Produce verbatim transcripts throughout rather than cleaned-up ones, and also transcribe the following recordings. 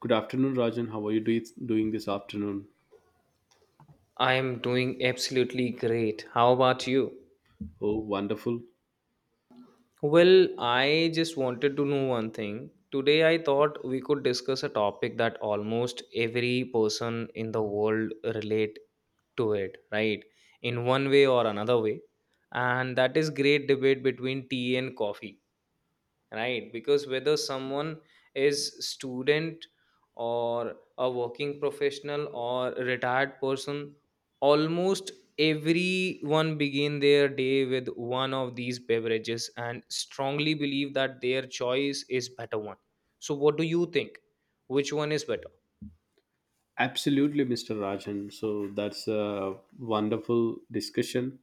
Good afternoon, Rajan. How are you do- doing this afternoon? I am doing absolutely great. How about you? Oh, wonderful. Well, I just wanted to know one thing. Today, I thought we could discuss a topic that almost every person in the world relate to it, right? In one way or another way. And that is great debate between tea and coffee. Right, because whether someone is student or a working professional or a retired person, almost everyone begin their day with one of these beverages and strongly believe that their choice is better one. So what do you think, which one is better? Absolutely, mister Rajan. So that's a wonderful discussion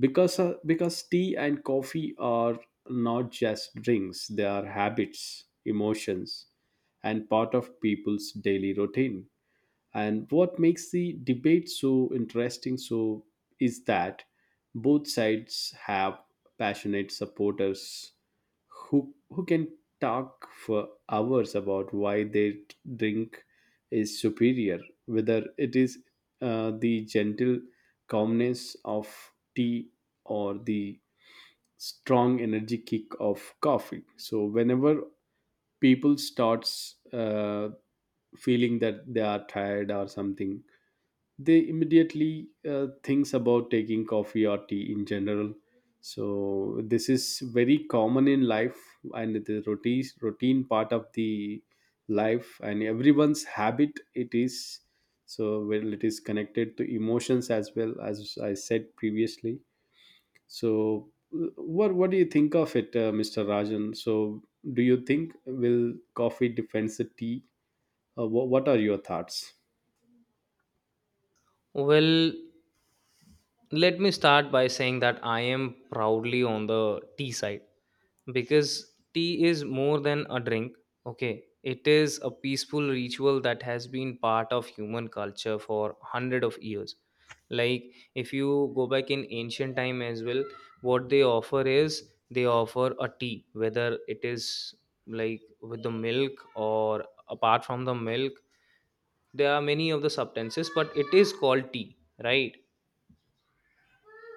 because uh, because tea and coffee are not just drinks; they are habits, emotions, and part of people's daily routine. And what makes the debate so interesting so is that both sides have passionate supporters who who can talk for hours about why their drink is superior, whether it is uh, the gentle calmness of tea or the strong energy kick of coffee. So whenever people starts uh, feeling that they are tired or something, they immediately uh, thinks about taking coffee or tea in general. So this is very common in life, and the routine routine part of the life and everyone's habit it is. So, well, it is connected to emotions as well, as I said previously. So uh, what what do you think of it, uh, Mr. Rajan? So, do you think will coffee defends the tea? Uh, what, what are your thoughts? Well, let me start by saying that I am proudly on the tea side because tea is more than a drink. Okay, it is a peaceful ritual that has been part of human culture for hundred of years. Like if you go back in ancient time as well, what they offer is they offer a tea, whether it is like with the milk or apart from the milk. There are many of the substances, but it is called tea, right?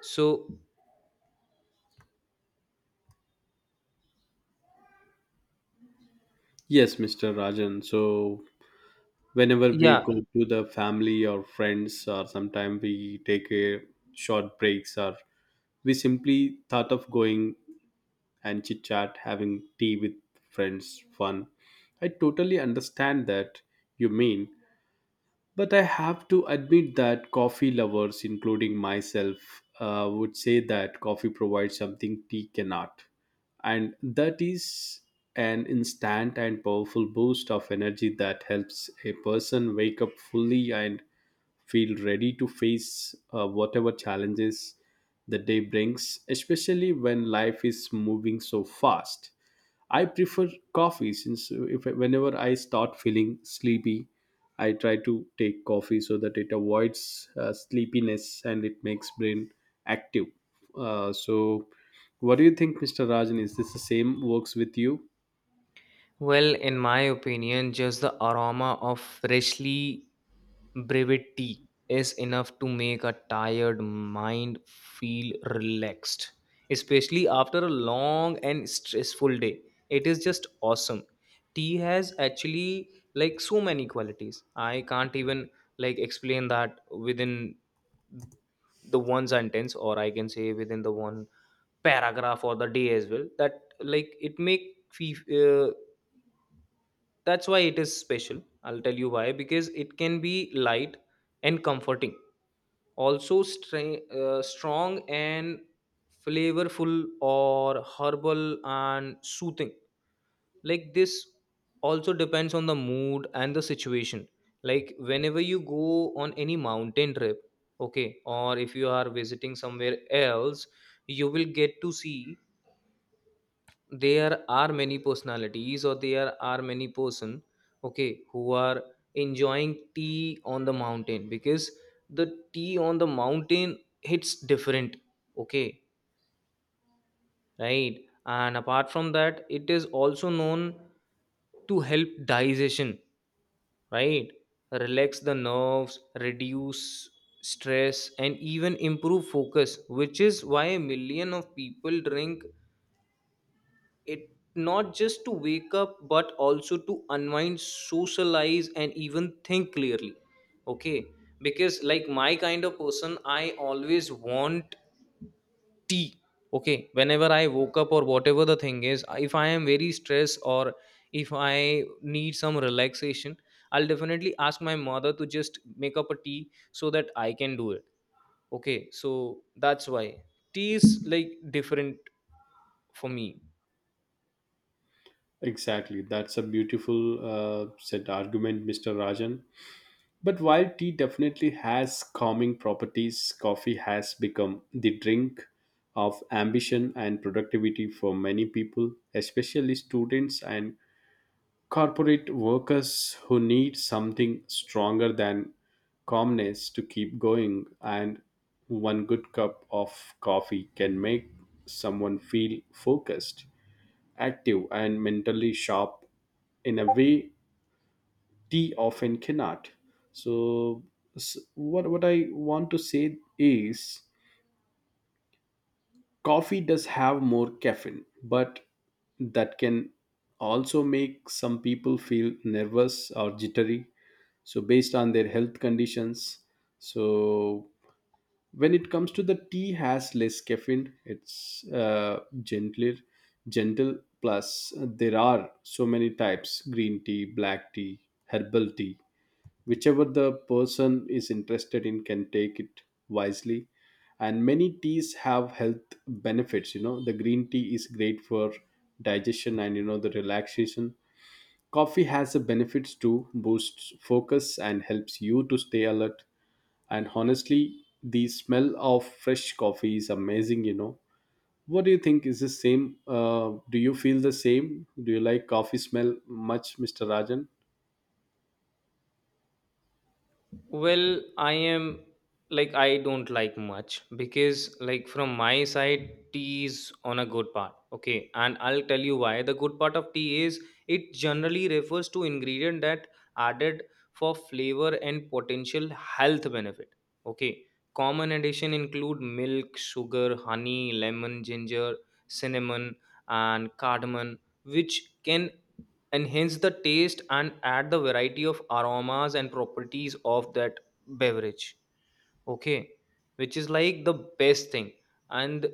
So Yes, Mr. Rajan. So whenever we yeah. go to the family or friends, or sometimes we take a short breaks, or we simply thought of going and chit chat having tea with friends fun. I totally understand that you mean. But I have to admit that coffee lovers, including myself, uh, would say that coffee provides something tea cannot. And that is an instant and powerful boost of energy that helps a person wake up fully and feel ready to face uh, whatever challenges the day brings, especially when life is moving so fast. I prefer coffee since if whenever I start feeling sleepy, I try to take coffee so that it avoids uh, sleepiness and it makes brain active. Uh, so, what do you think, mister Rajan? Is this the same works with you? Well, in my opinion, just the aroma of freshly brewed tea is enough to make a tired mind feel relaxed, especially after a long and stressful day. It is just awesome. Tea has actually like so many qualities. I can't even like explain that within the one sentence, or I can say within the one paragraph or the day as well, that like it make fe- uh, that's why it is special. I'll tell you why, because it can be light and comforting, also stra- uh, strong and flavorful, or herbal and soothing, like this. Also depends on the mood and the situation, like whenever you go on any mountain trip, okay, or if you are visiting somewhere else, you will get to see there are many personalities or there are many person, okay, who are enjoying tea on the mountain because the tea on the mountain hits different. Okay, right. And apart from that, it is also known to help digestion, right, relax the nerves, reduce stress, and even improve focus, which is why a million of people drink it, not just to wake up, but also to unwind, socialize, and even think clearly. Okay, because like my kind of person, I always want tea. Okay, whenever I woke up or whatever the thing is, if I am very stressed or if I need some relaxation, I'll definitely ask my mother to just make up a tea so that I can do it. Okay, so that's why tea is like different for me. Exactly, that's a beautiful uh, said argument, mister Rajan. But while tea definitely has calming properties, coffee has become the drink of ambition and productivity for many people, especially students and corporate workers who need something stronger than calmness to keep going. And one good cup of coffee can make someone feel focused, active, and mentally sharp in a way they often cannot. So, s- what what I want to say is, coffee does have more caffeine, but that can also make some people feel nervous or jittery. So, based on their health conditions. So, when it comes to the tea, has less caffeine. It's uh, gentler, gentle. Plus, there are so many types: green tea, black tea, herbal tea, whichever the person is interested in can take it wisely. And many teas have health benefits. You know, the green tea is great for digestion, and, you know, the relaxation. Coffee has the benefits to boost focus and helps you to stay alert. And honestly, the smell of fresh coffee is amazing. You know, what do you think, is the same? Uh, do you feel the same? Do you like coffee smell much, Mr. Rajan? Well, I am like I don't like much, because like from my side tea is on a good part. Okay, and I'll tell you why. The good part of tea is it generally refers to ingredient that added for flavor and potential health benefit. Okay. Common addition include milk, sugar, honey, lemon, ginger, cinnamon and cardamom, which can enhance the taste and add the variety of aromas and properties of that beverage. Okay, which is like the best thing. And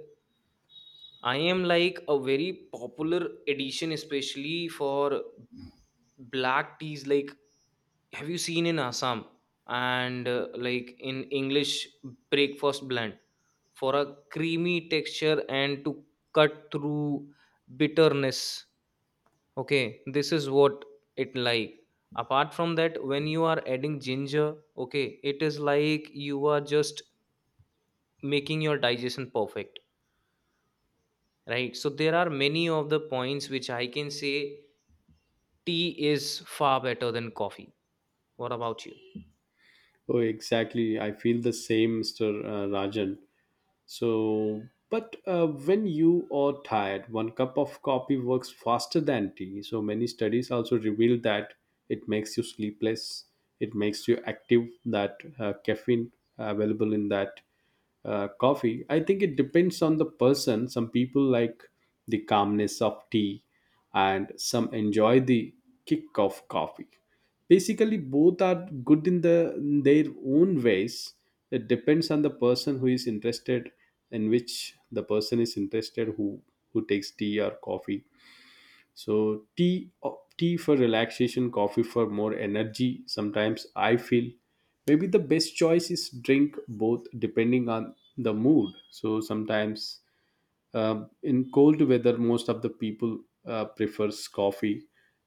I am like a very popular edition, especially for black teas, like have you seen in Assam, and uh, like in English breakfast blend, for a creamy texture and to cut through bitterness. Okay, this is what it like. Apart from that, when you are adding ginger, okay, it is like you are just making your digestion perfect, right? So there are many of the points which I can say tea is far better than coffee. What about you? Oh, exactly. I feel the same, mister uh, Rajan. So, but uh, when you are tired, one cup of coffee works faster than tea. So, many studies also reveal that it makes you sleepless, it makes you active, that uh, caffeine available in that uh, coffee. I think it depends on the person. Some people like the calmness of tea, and some enjoy the kick of coffee. Basically, both are good in the in their own ways. It depends on the person who is interested, in which the person is interested, who who takes tea or coffee. So tea uh, tea for relaxation, coffee for more energy. Sometimes I feel maybe the best choice is drink both depending on the mood. So sometimes uh, in cold weather most of the people uh, prefers coffee.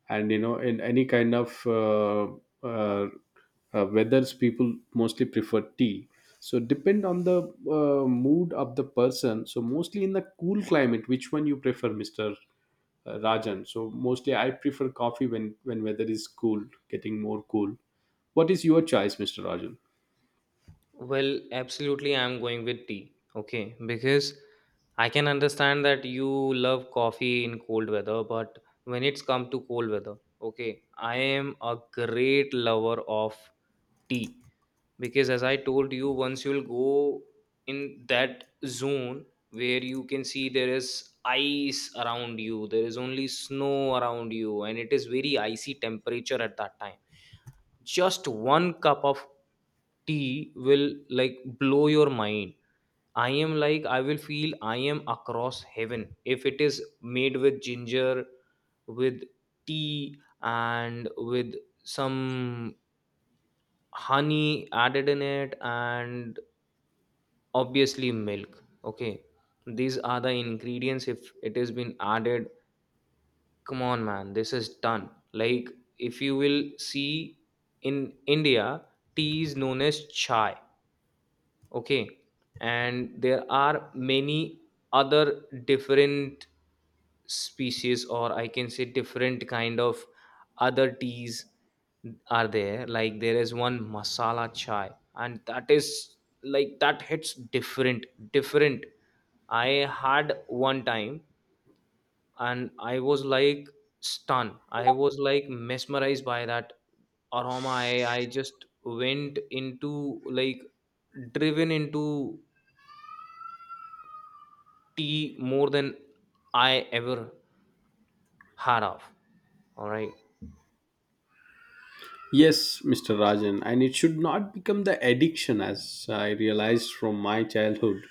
And you know, in any kind of uh, uh, uh, weathers people mostly prefer tea. So depend on the uh, mood of the person. So mostly in the cool climate, which one you prefer, Mr. Uh, rajan? So mostly I prefer coffee when when weather is cool, getting more cool. What is your choice, Mr. Rajan? Well, absolutely, I'm going with tea. Okay, because I can understand that you love coffee in cold weather, but when it's come to cold weather, okay, I am a great lover of tea. Because as I told you, once you'll go in that zone where you can see there is ice around you, there is only snow around you, and it is very icy temperature, at that time just one cup of tea will like blow your mind. I am like I will feel I am across heaven if it is made with ginger, with tea, and with some honey added in it, and obviously milk. Okay, these are the ingredients if it has been added. Come on man, this is done. Like if you will see in India, tea is known as chai. Okay, and there are many other different species, or I can say different kind of other teas are there. Like there is one masala chai, and that is like that hits different. different I had one time and I was like stunned, I was like mesmerized by that aroma. I i just went into like, driven into tea more than I ever had of. All right. Yes, mister Rajan, and it should not become the addiction as I realized from my childhood.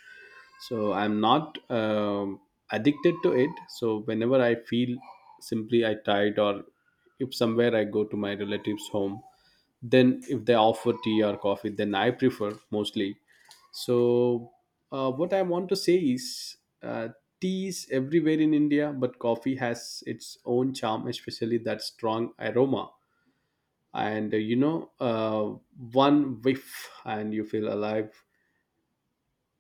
So I'm not um, addicted to it. So whenever I feel simply I tired, or if somewhere I go to my relatives' home, then if they offer tea or coffee, then I prefer mostly. So uh, what I want to say is, uh, tea is everywhere in India, but coffee has its own charm, especially that strong aroma and uh, you know, uh, one whiff and you feel alive.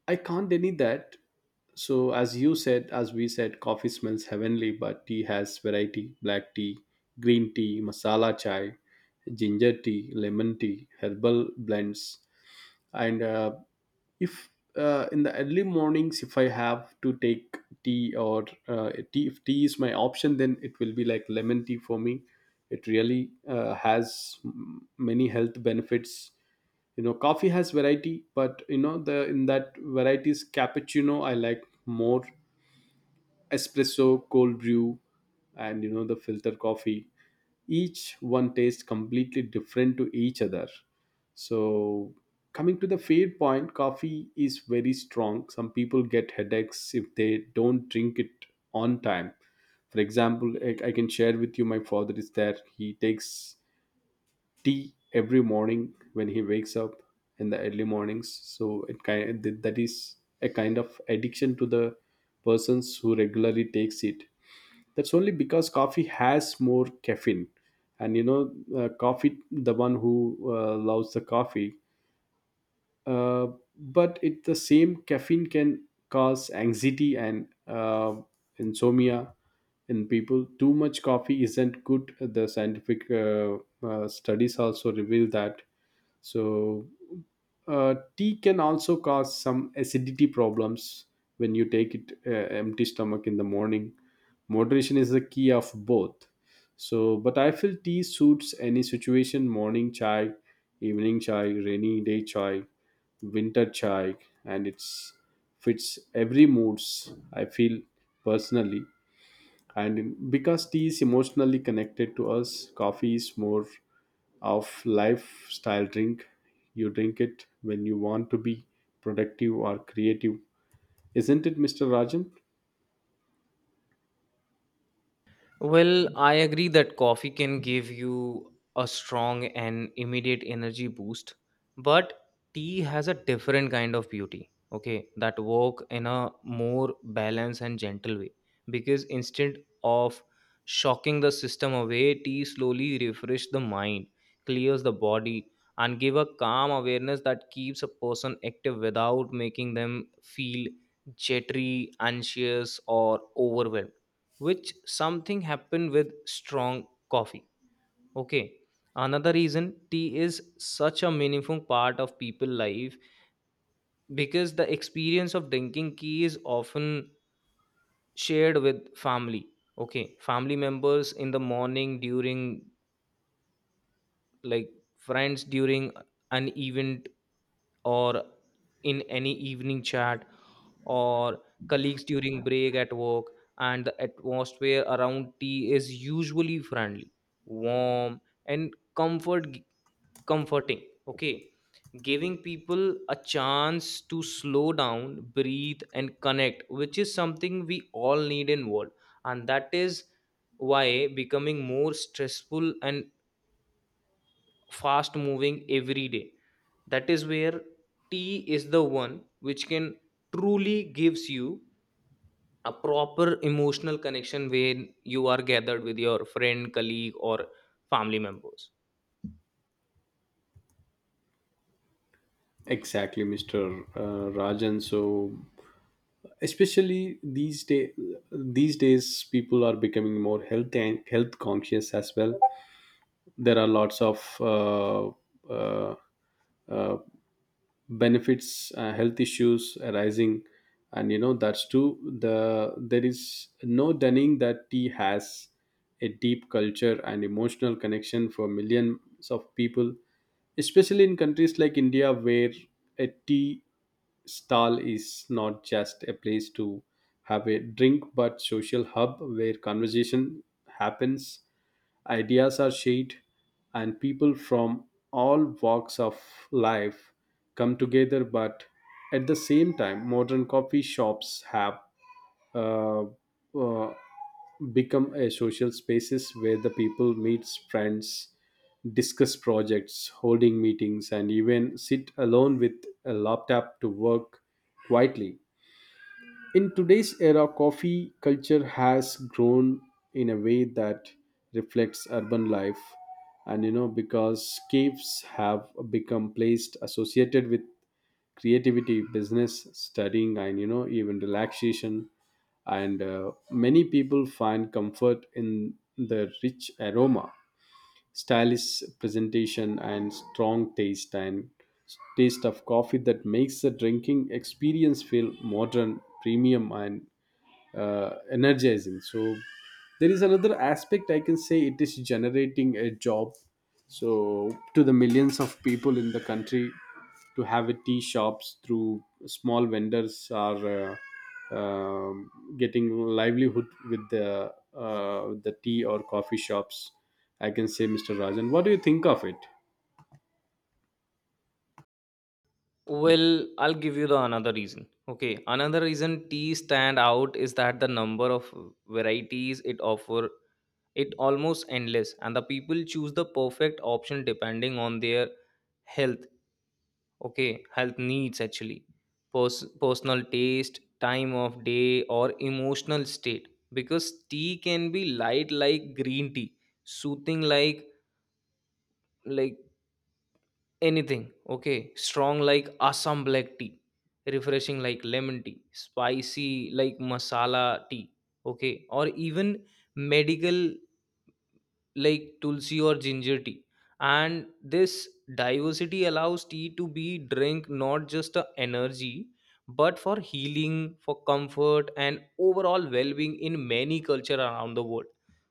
I can't deny that. So as you said, as we said, coffee smells heavenly but tea has variety: black tea, green tea, masala chai, ginger tea, lemon tea, herbal blends. And uh, if uh, in the early mornings, if I have to take tea or uh, tea, if tea is my option, then it will be like lemon tea for me. It really uh, has m- many health benefits. You know, coffee has variety, but you know, the in that varieties, cappuccino I like more, espresso, cold brew, and you know, the filter coffee. Each one tastes completely different to each other. So coming to the fair point, coffee is very strong. Some people get headaches if they don't drink it on time. For example, I, I can share with you, my father is there. He takes tea every morning when he wakes up in the early mornings. So it kind that is a kind of addiction to the persons who regularly takes it. That's only because coffee has more caffeine. And you know uh, coffee, the one who uh, loves the coffee, uh, but it the same caffeine can cause anxiety and uh, insomnia in people. Too much coffee isn't good. The scientific uh, uh, studies also reveal that. So uh, tea can also cause some acidity problems when you take it uh, empty stomach in the morning. Moderation is the key of both. So but I feel tea suits any situation: morning chai, evening chai, rainy day chai, winter chai. And it's fits every moods, I feel personally. And in, because tea is emotionally connected to us, coffee is more of lifestyle drink. You drink it when you want to be productive or creative. Isn't it, Mr. Rajan? Well, I agree that coffee can give you a strong and immediate energy boost, but tea has a different kind of beauty, okay, that work in a more balanced and gentle way. Because instead of shocking the system away, tea slowly refresh the mind, clears the body, and give a calm awareness that keeps a person active without making them feel jittery, anxious, or overwhelmed, which something happened with strong coffee. Okay, another reason tea is such a meaningful part of people life, because the experience of drinking tea is often shared with family. Okay, family members in the morning, during like friends during an event, or in any evening chat, or colleagues during break at work. And the atmosphere around tea is usually friendly, warm, and comfort comforting. Okay, giving people a chance to slow down, breathe, and connect, which is something we all need in world. And that is why, becoming more stressful and fast moving every day, that is where tea is the one which can truly gives you a proper emotional connection when you are gathered with your friend, colleague, or family members. Exactly, Mr. Uh, rajan. So, especially these day these days people are becoming more health and health conscious as well. There are lots of uh, uh, uh, benefits, uh, health issues arising. And you know, that's too the there is no denying that tea has a deep culture and emotional connection for millions of people, especially in countries like India, where a tea stall is not just a place to have a drink but social hub where conversation happens. Ideas are shared, and people from all walks of life come together. But at the same time, modern coffee shops have uh, uh, become a social spaces where the people meet friends, discuss projects, holding meetings, and even sit alone with a laptop to work quietly. In today's era, coffee culture has grown in a way that reflects urban life. And you know, because caves have become placed associated with creativity, business, studying, and you know, even relaxation. And uh, many people find comfort in the rich aroma, stylish presentation, and strong taste and taste of coffee that makes the drinking experience feel modern, premium, and uh, energizing. So there is another aspect I can say, it is generating a job. So to the millions of people in the country, to have a tea shops through small vendors are uh, um, getting livelihood with the uh, the tea or coffee shops, I can say, Mr. Rajan. What do you think of it? Well, I'll give you the another reason. Okay, another reason tea stand out is that the number of varieties it offer, it almost endless, and the people choose the perfect option depending on their health. Okay, health needs actually. Pers- personal taste, time of day, or emotional state, because tea can be light like green tea, soothing like like anything, okay, strong like Assam black tea, refreshing like lemon tea, spicy like masala tea, okay, or even medical like tulsi or ginger tea. And this diversity allows tea to be drink not just a energy, but for healing, for comfort, and overall well-being in many culture around the world,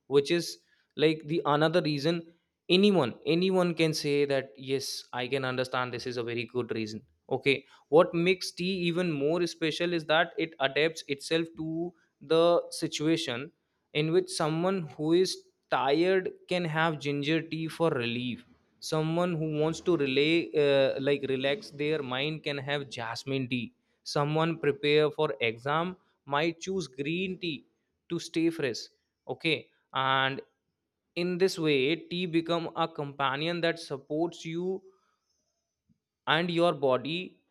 which is like the another reason. Anyone anyone can say that yes, I can understand this is a very good reason. Okay, what makes tea even more special is that it adapts itself to the situation, in which someone who is tired can have ginger tea for relief, someone who wants to relay uh, like relax their mind can have jasmine tea, someone prepare for exam might choose green tea to stay fresh. Okay, and in this way tea become a companion that supports you and your body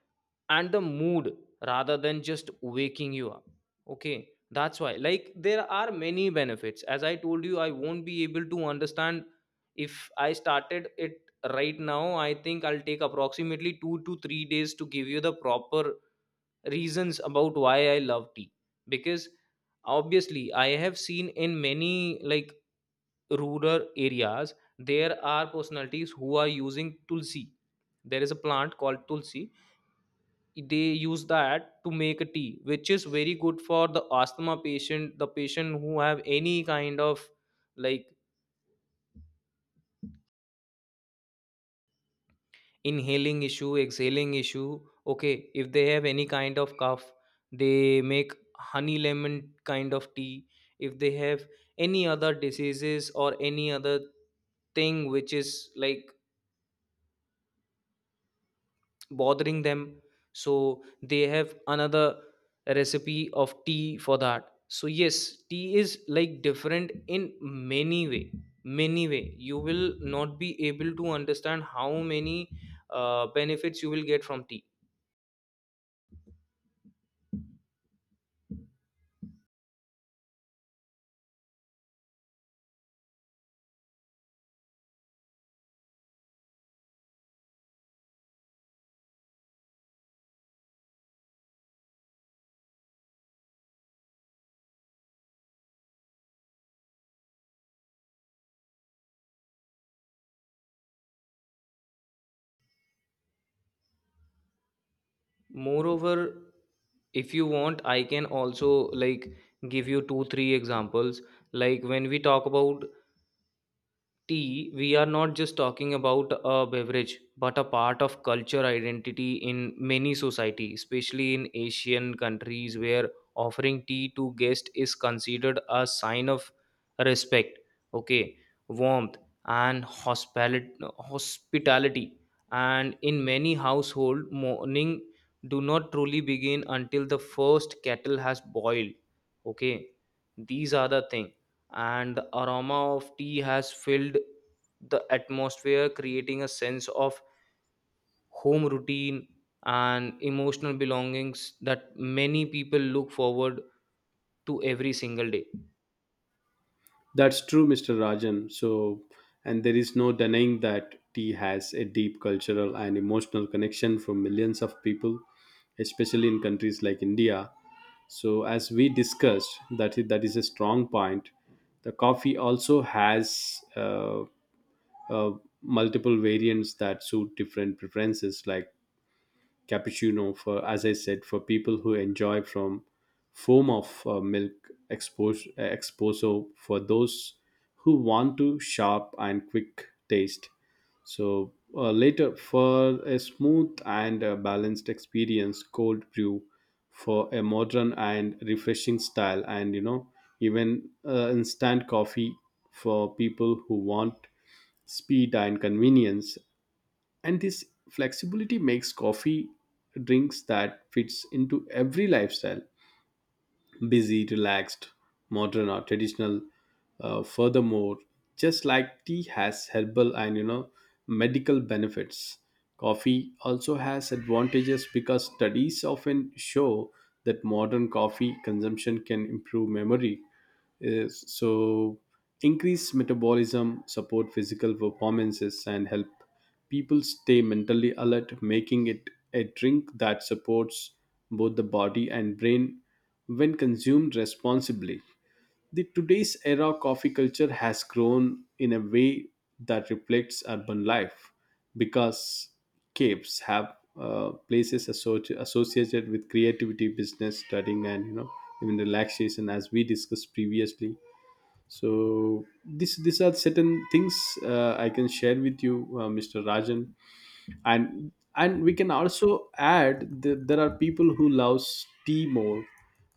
and the mood, rather than just waking you up. Okay, that's why like there are many benefits, as I told you I won't be able to understand if I started it right now. I think I'll take approximately two to three days to give you the proper reasons about why I love tea. Because obviously I have seen in many, like, rural areas there are personalities who are using tulsi. There is a plant called tulsi, they use that to make a tea which is very good for the asthma patient, the patient who have any kind of like inhaling issue, exhaling issue. Okay, if they have any kind of cough, they make honey lemon kind of tea. If they have any other diseases or any other thing which is like bothering them, so they have another recipe of tea for that. So yes, tea is like different in many way, many way you will not be able to understand how many uh, benefits you will get from tea. Moreover, if you want I can also like give you two three examples. Like when we talk about tea, we are not just talking about a beverage, but a part of culture identity in many society, especially in Asian countries where offering tea to guest is considered a sign of respect, okay, warmth, and hospitali- hospitality. And in many household, morning do not truly begin until the first kettle has boiled. Okay, these are the thing, and the aroma of tea has filled the atmosphere, creating a sense of home routine and emotional belongings that many people look forward to every single day. That's true, mister Rajan. So, and there is no denying that tea has a deep cultural and emotional connection for millions of people, especially in countries like India. So, as we discussed, that is, that is a strong point. The coffee also has uh, uh, multiple variants that suit different preferences, like cappuccino, for as I said, for people who enjoy from foam of uh, milk, expos- uh, espresso for those who want to sharp and quick taste. So uh, later for a smooth and uh, balanced experience, cold brew for a modern and refreshing style, and you know, even uh, instant coffee for people who want speed and convenience. And this flexibility makes coffee drinks that fits into every lifestyle: busy, relaxed, modern, or traditional. Uh, furthermore just like tea has herbal and you know, medical benefits, coffee also has advantages because studies often show that modern coffee consumption can improve memory. Yes, so increase metabolism, support physical performances, and help people stay mentally alert, making it a drink that supports both the body and brain when consumed responsibly. The today's era coffee culture has grown in a way that reflects urban life, because caves have uh, places associ- associated with creativity, business, studying, and you know, even relaxation, as we discussed previously. So this these are certain things, uh, I can share with you, uh, Mr. Rajan. And and we can also add that there are people who loves tea more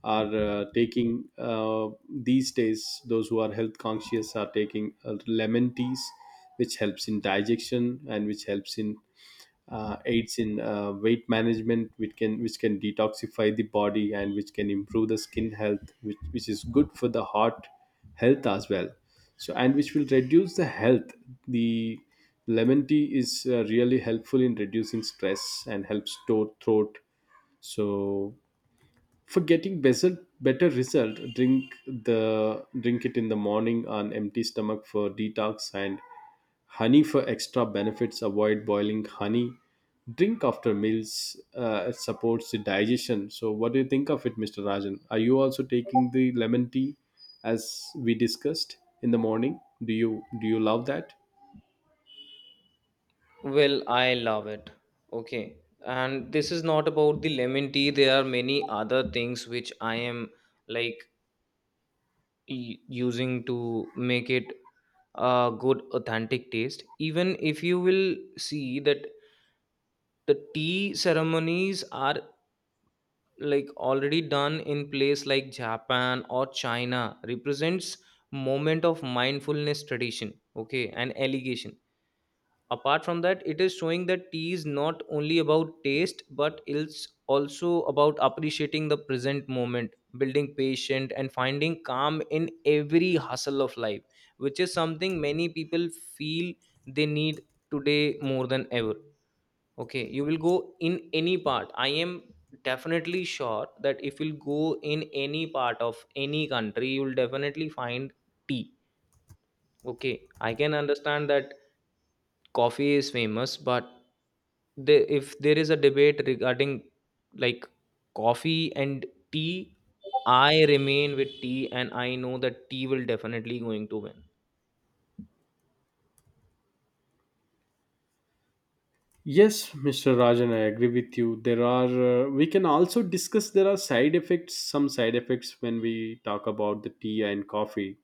are uh, taking, uh, these days, those who are health conscious are taking uh, lemon teas which helps in digestion and which helps in uh, aids in uh, weight management, which can which can detoxify the body and which can improve the skin health, which, which is good for the heart health as well. So and which will reduce the health, the lemon tea is uh, really helpful in reducing stress and helps store throat. So for getting better better result, drink the drink it in the morning on empty stomach for detox, and honey for extra benefits, avoid boiling honey. Drink after meals, uh, it supports the digestion. So what do you think of it, Mr. Rajan? Are you also taking the lemon tea, as we discussed, in the morning? Do you do you love that? Well, I love it. Okay, and this is not about the lemon tea, there are many other things which I am like e- using to make it a good authentic taste. Even if you will see that the tea ceremonies are like already done in place like Japan or China, represents moment of mindfulness tradition, okay, and allegation. Apart from that, it is showing that tea is not only about taste, but it's also about appreciating the present moment, building patient, and finding calm in every hustle of life, which is something many people feel they need today more than ever. Okay, you will go in any part. I am definitely sure that if you'll go in any part of any country, you'll definitely find tea. Okay, I can understand that coffee is famous, but the, if there is a debate regarding like coffee and tea, I remain with tea, and I know that tea will definitely going to win. Yes, mister Rajan, I agree with you. There are, uh, we can also discuss, there are side effects, some side effects when we talk about the tea and coffee.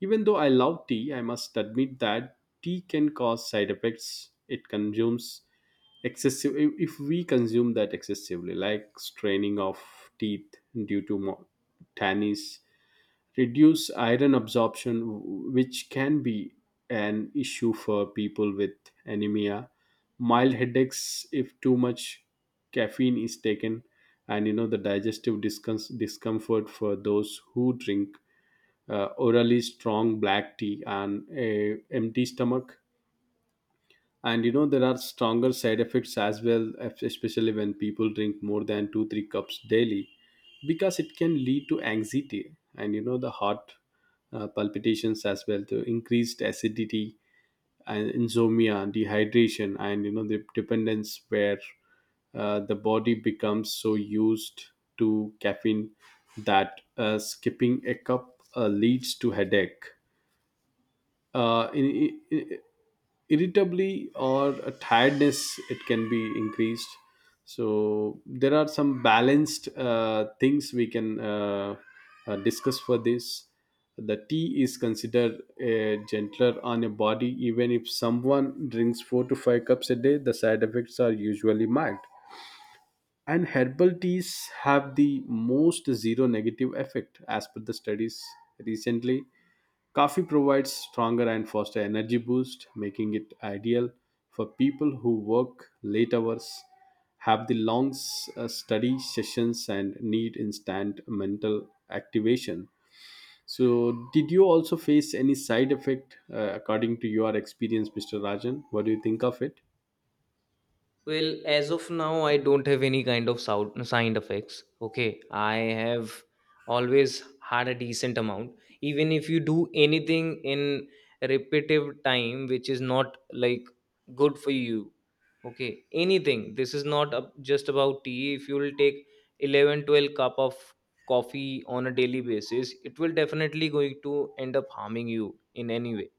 Even though I love tea, I must admit that tea can cause side effects. It consumes excessive, if if we consume that excessively, like straining of teeth due to mo- tannies, reduce iron absorption, which can be an issue for people with anemia, mild headaches if too much caffeine is taken, and you know the digestive discom- discomfort for those who drink uh, orally strong black tea on a empty stomach. And you know there are stronger side effects as well, es- especially when people drink more than two three cups daily, because it can lead to anxiety, and you know the heart uh, palpitations as well, to increased acidity, and insomnia, dehydration, and you know the dependence, where uh, the body becomes so used to caffeine that uh, skipping a cup uh, leads to headache, uh, in, in, irritably or a tiredness, it can be increased. So there are some balanced uh, things we can uh, uh, discuss for this. The tea is considered a gentler on your body, even if someone drinks four to five cups a day, the side effects are usually mild. And herbal teas have the most zero negative effect as per the studies recently. Coffee provides stronger and faster energy boost, making it ideal for people who work late hours, have the long s- uh, study sessions, and need instant mental activation. So, did you also face any side effect uh, according to your experience, mister Rajan? What do you think of it? Well, as of now, I don't have any kind of sound side effects. Okay, I have always had a decent amount. Even if you do anything in repetitive time, which is not like good for you. Okay, anything. This is not up just about tea. If you will take eleven, twelve cup of coffee on a daily basis, it will definitely going to end up harming you in any way.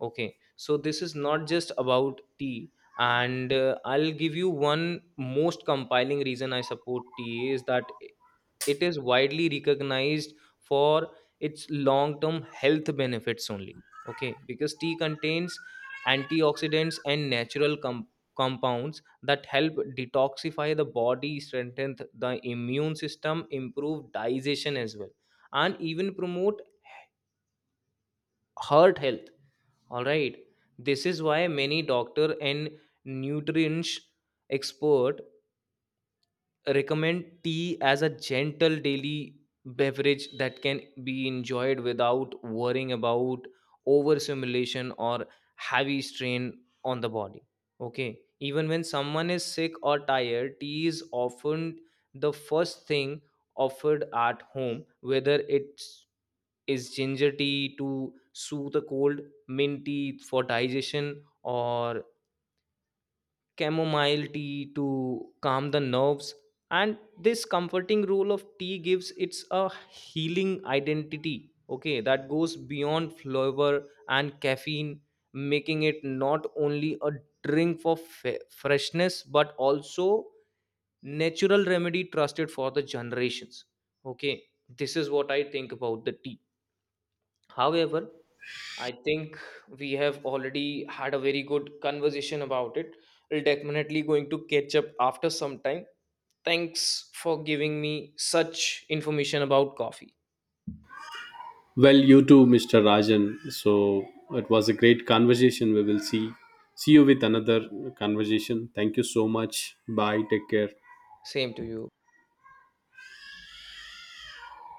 Okay, so this is not just about tea, and uh, I'll give you one most compelling reason I support tea is that it is widely recognized for its long term health benefits only. Okay, because tea contains antioxidants and natural com- compounds that help detoxify the body, strengthen the immune system, improve digestion as well, and even promote heart health, all right. This is why many doctor and nutrients expert recommend tea as a gentle daily beverage that can be enjoyed without worrying about overstimulation or heavy strain on the body. Okay. Even when someone is sick or tired, tea is often the first thing offered at home, whether it's is ginger tea to soothe a cold, mint tea for digestion, or chamomile tea to calm the nerves. And this comforting role of tea gives it's a healing identity, okay, that goes beyond flavor and caffeine, making it not only a drink for fe- freshness, but also natural remedy trusted for the generations. Okay, this is what I think about the tea. However, I think we have already had a very good conversation about it. We're definitely going to catch up after some time. Thanks for giving me such information about coffee. Well, you too, mister Rajan. So, it was a great conversation. We will see see you with another conversation. Thank you so much. Bye. Take care. Same to you.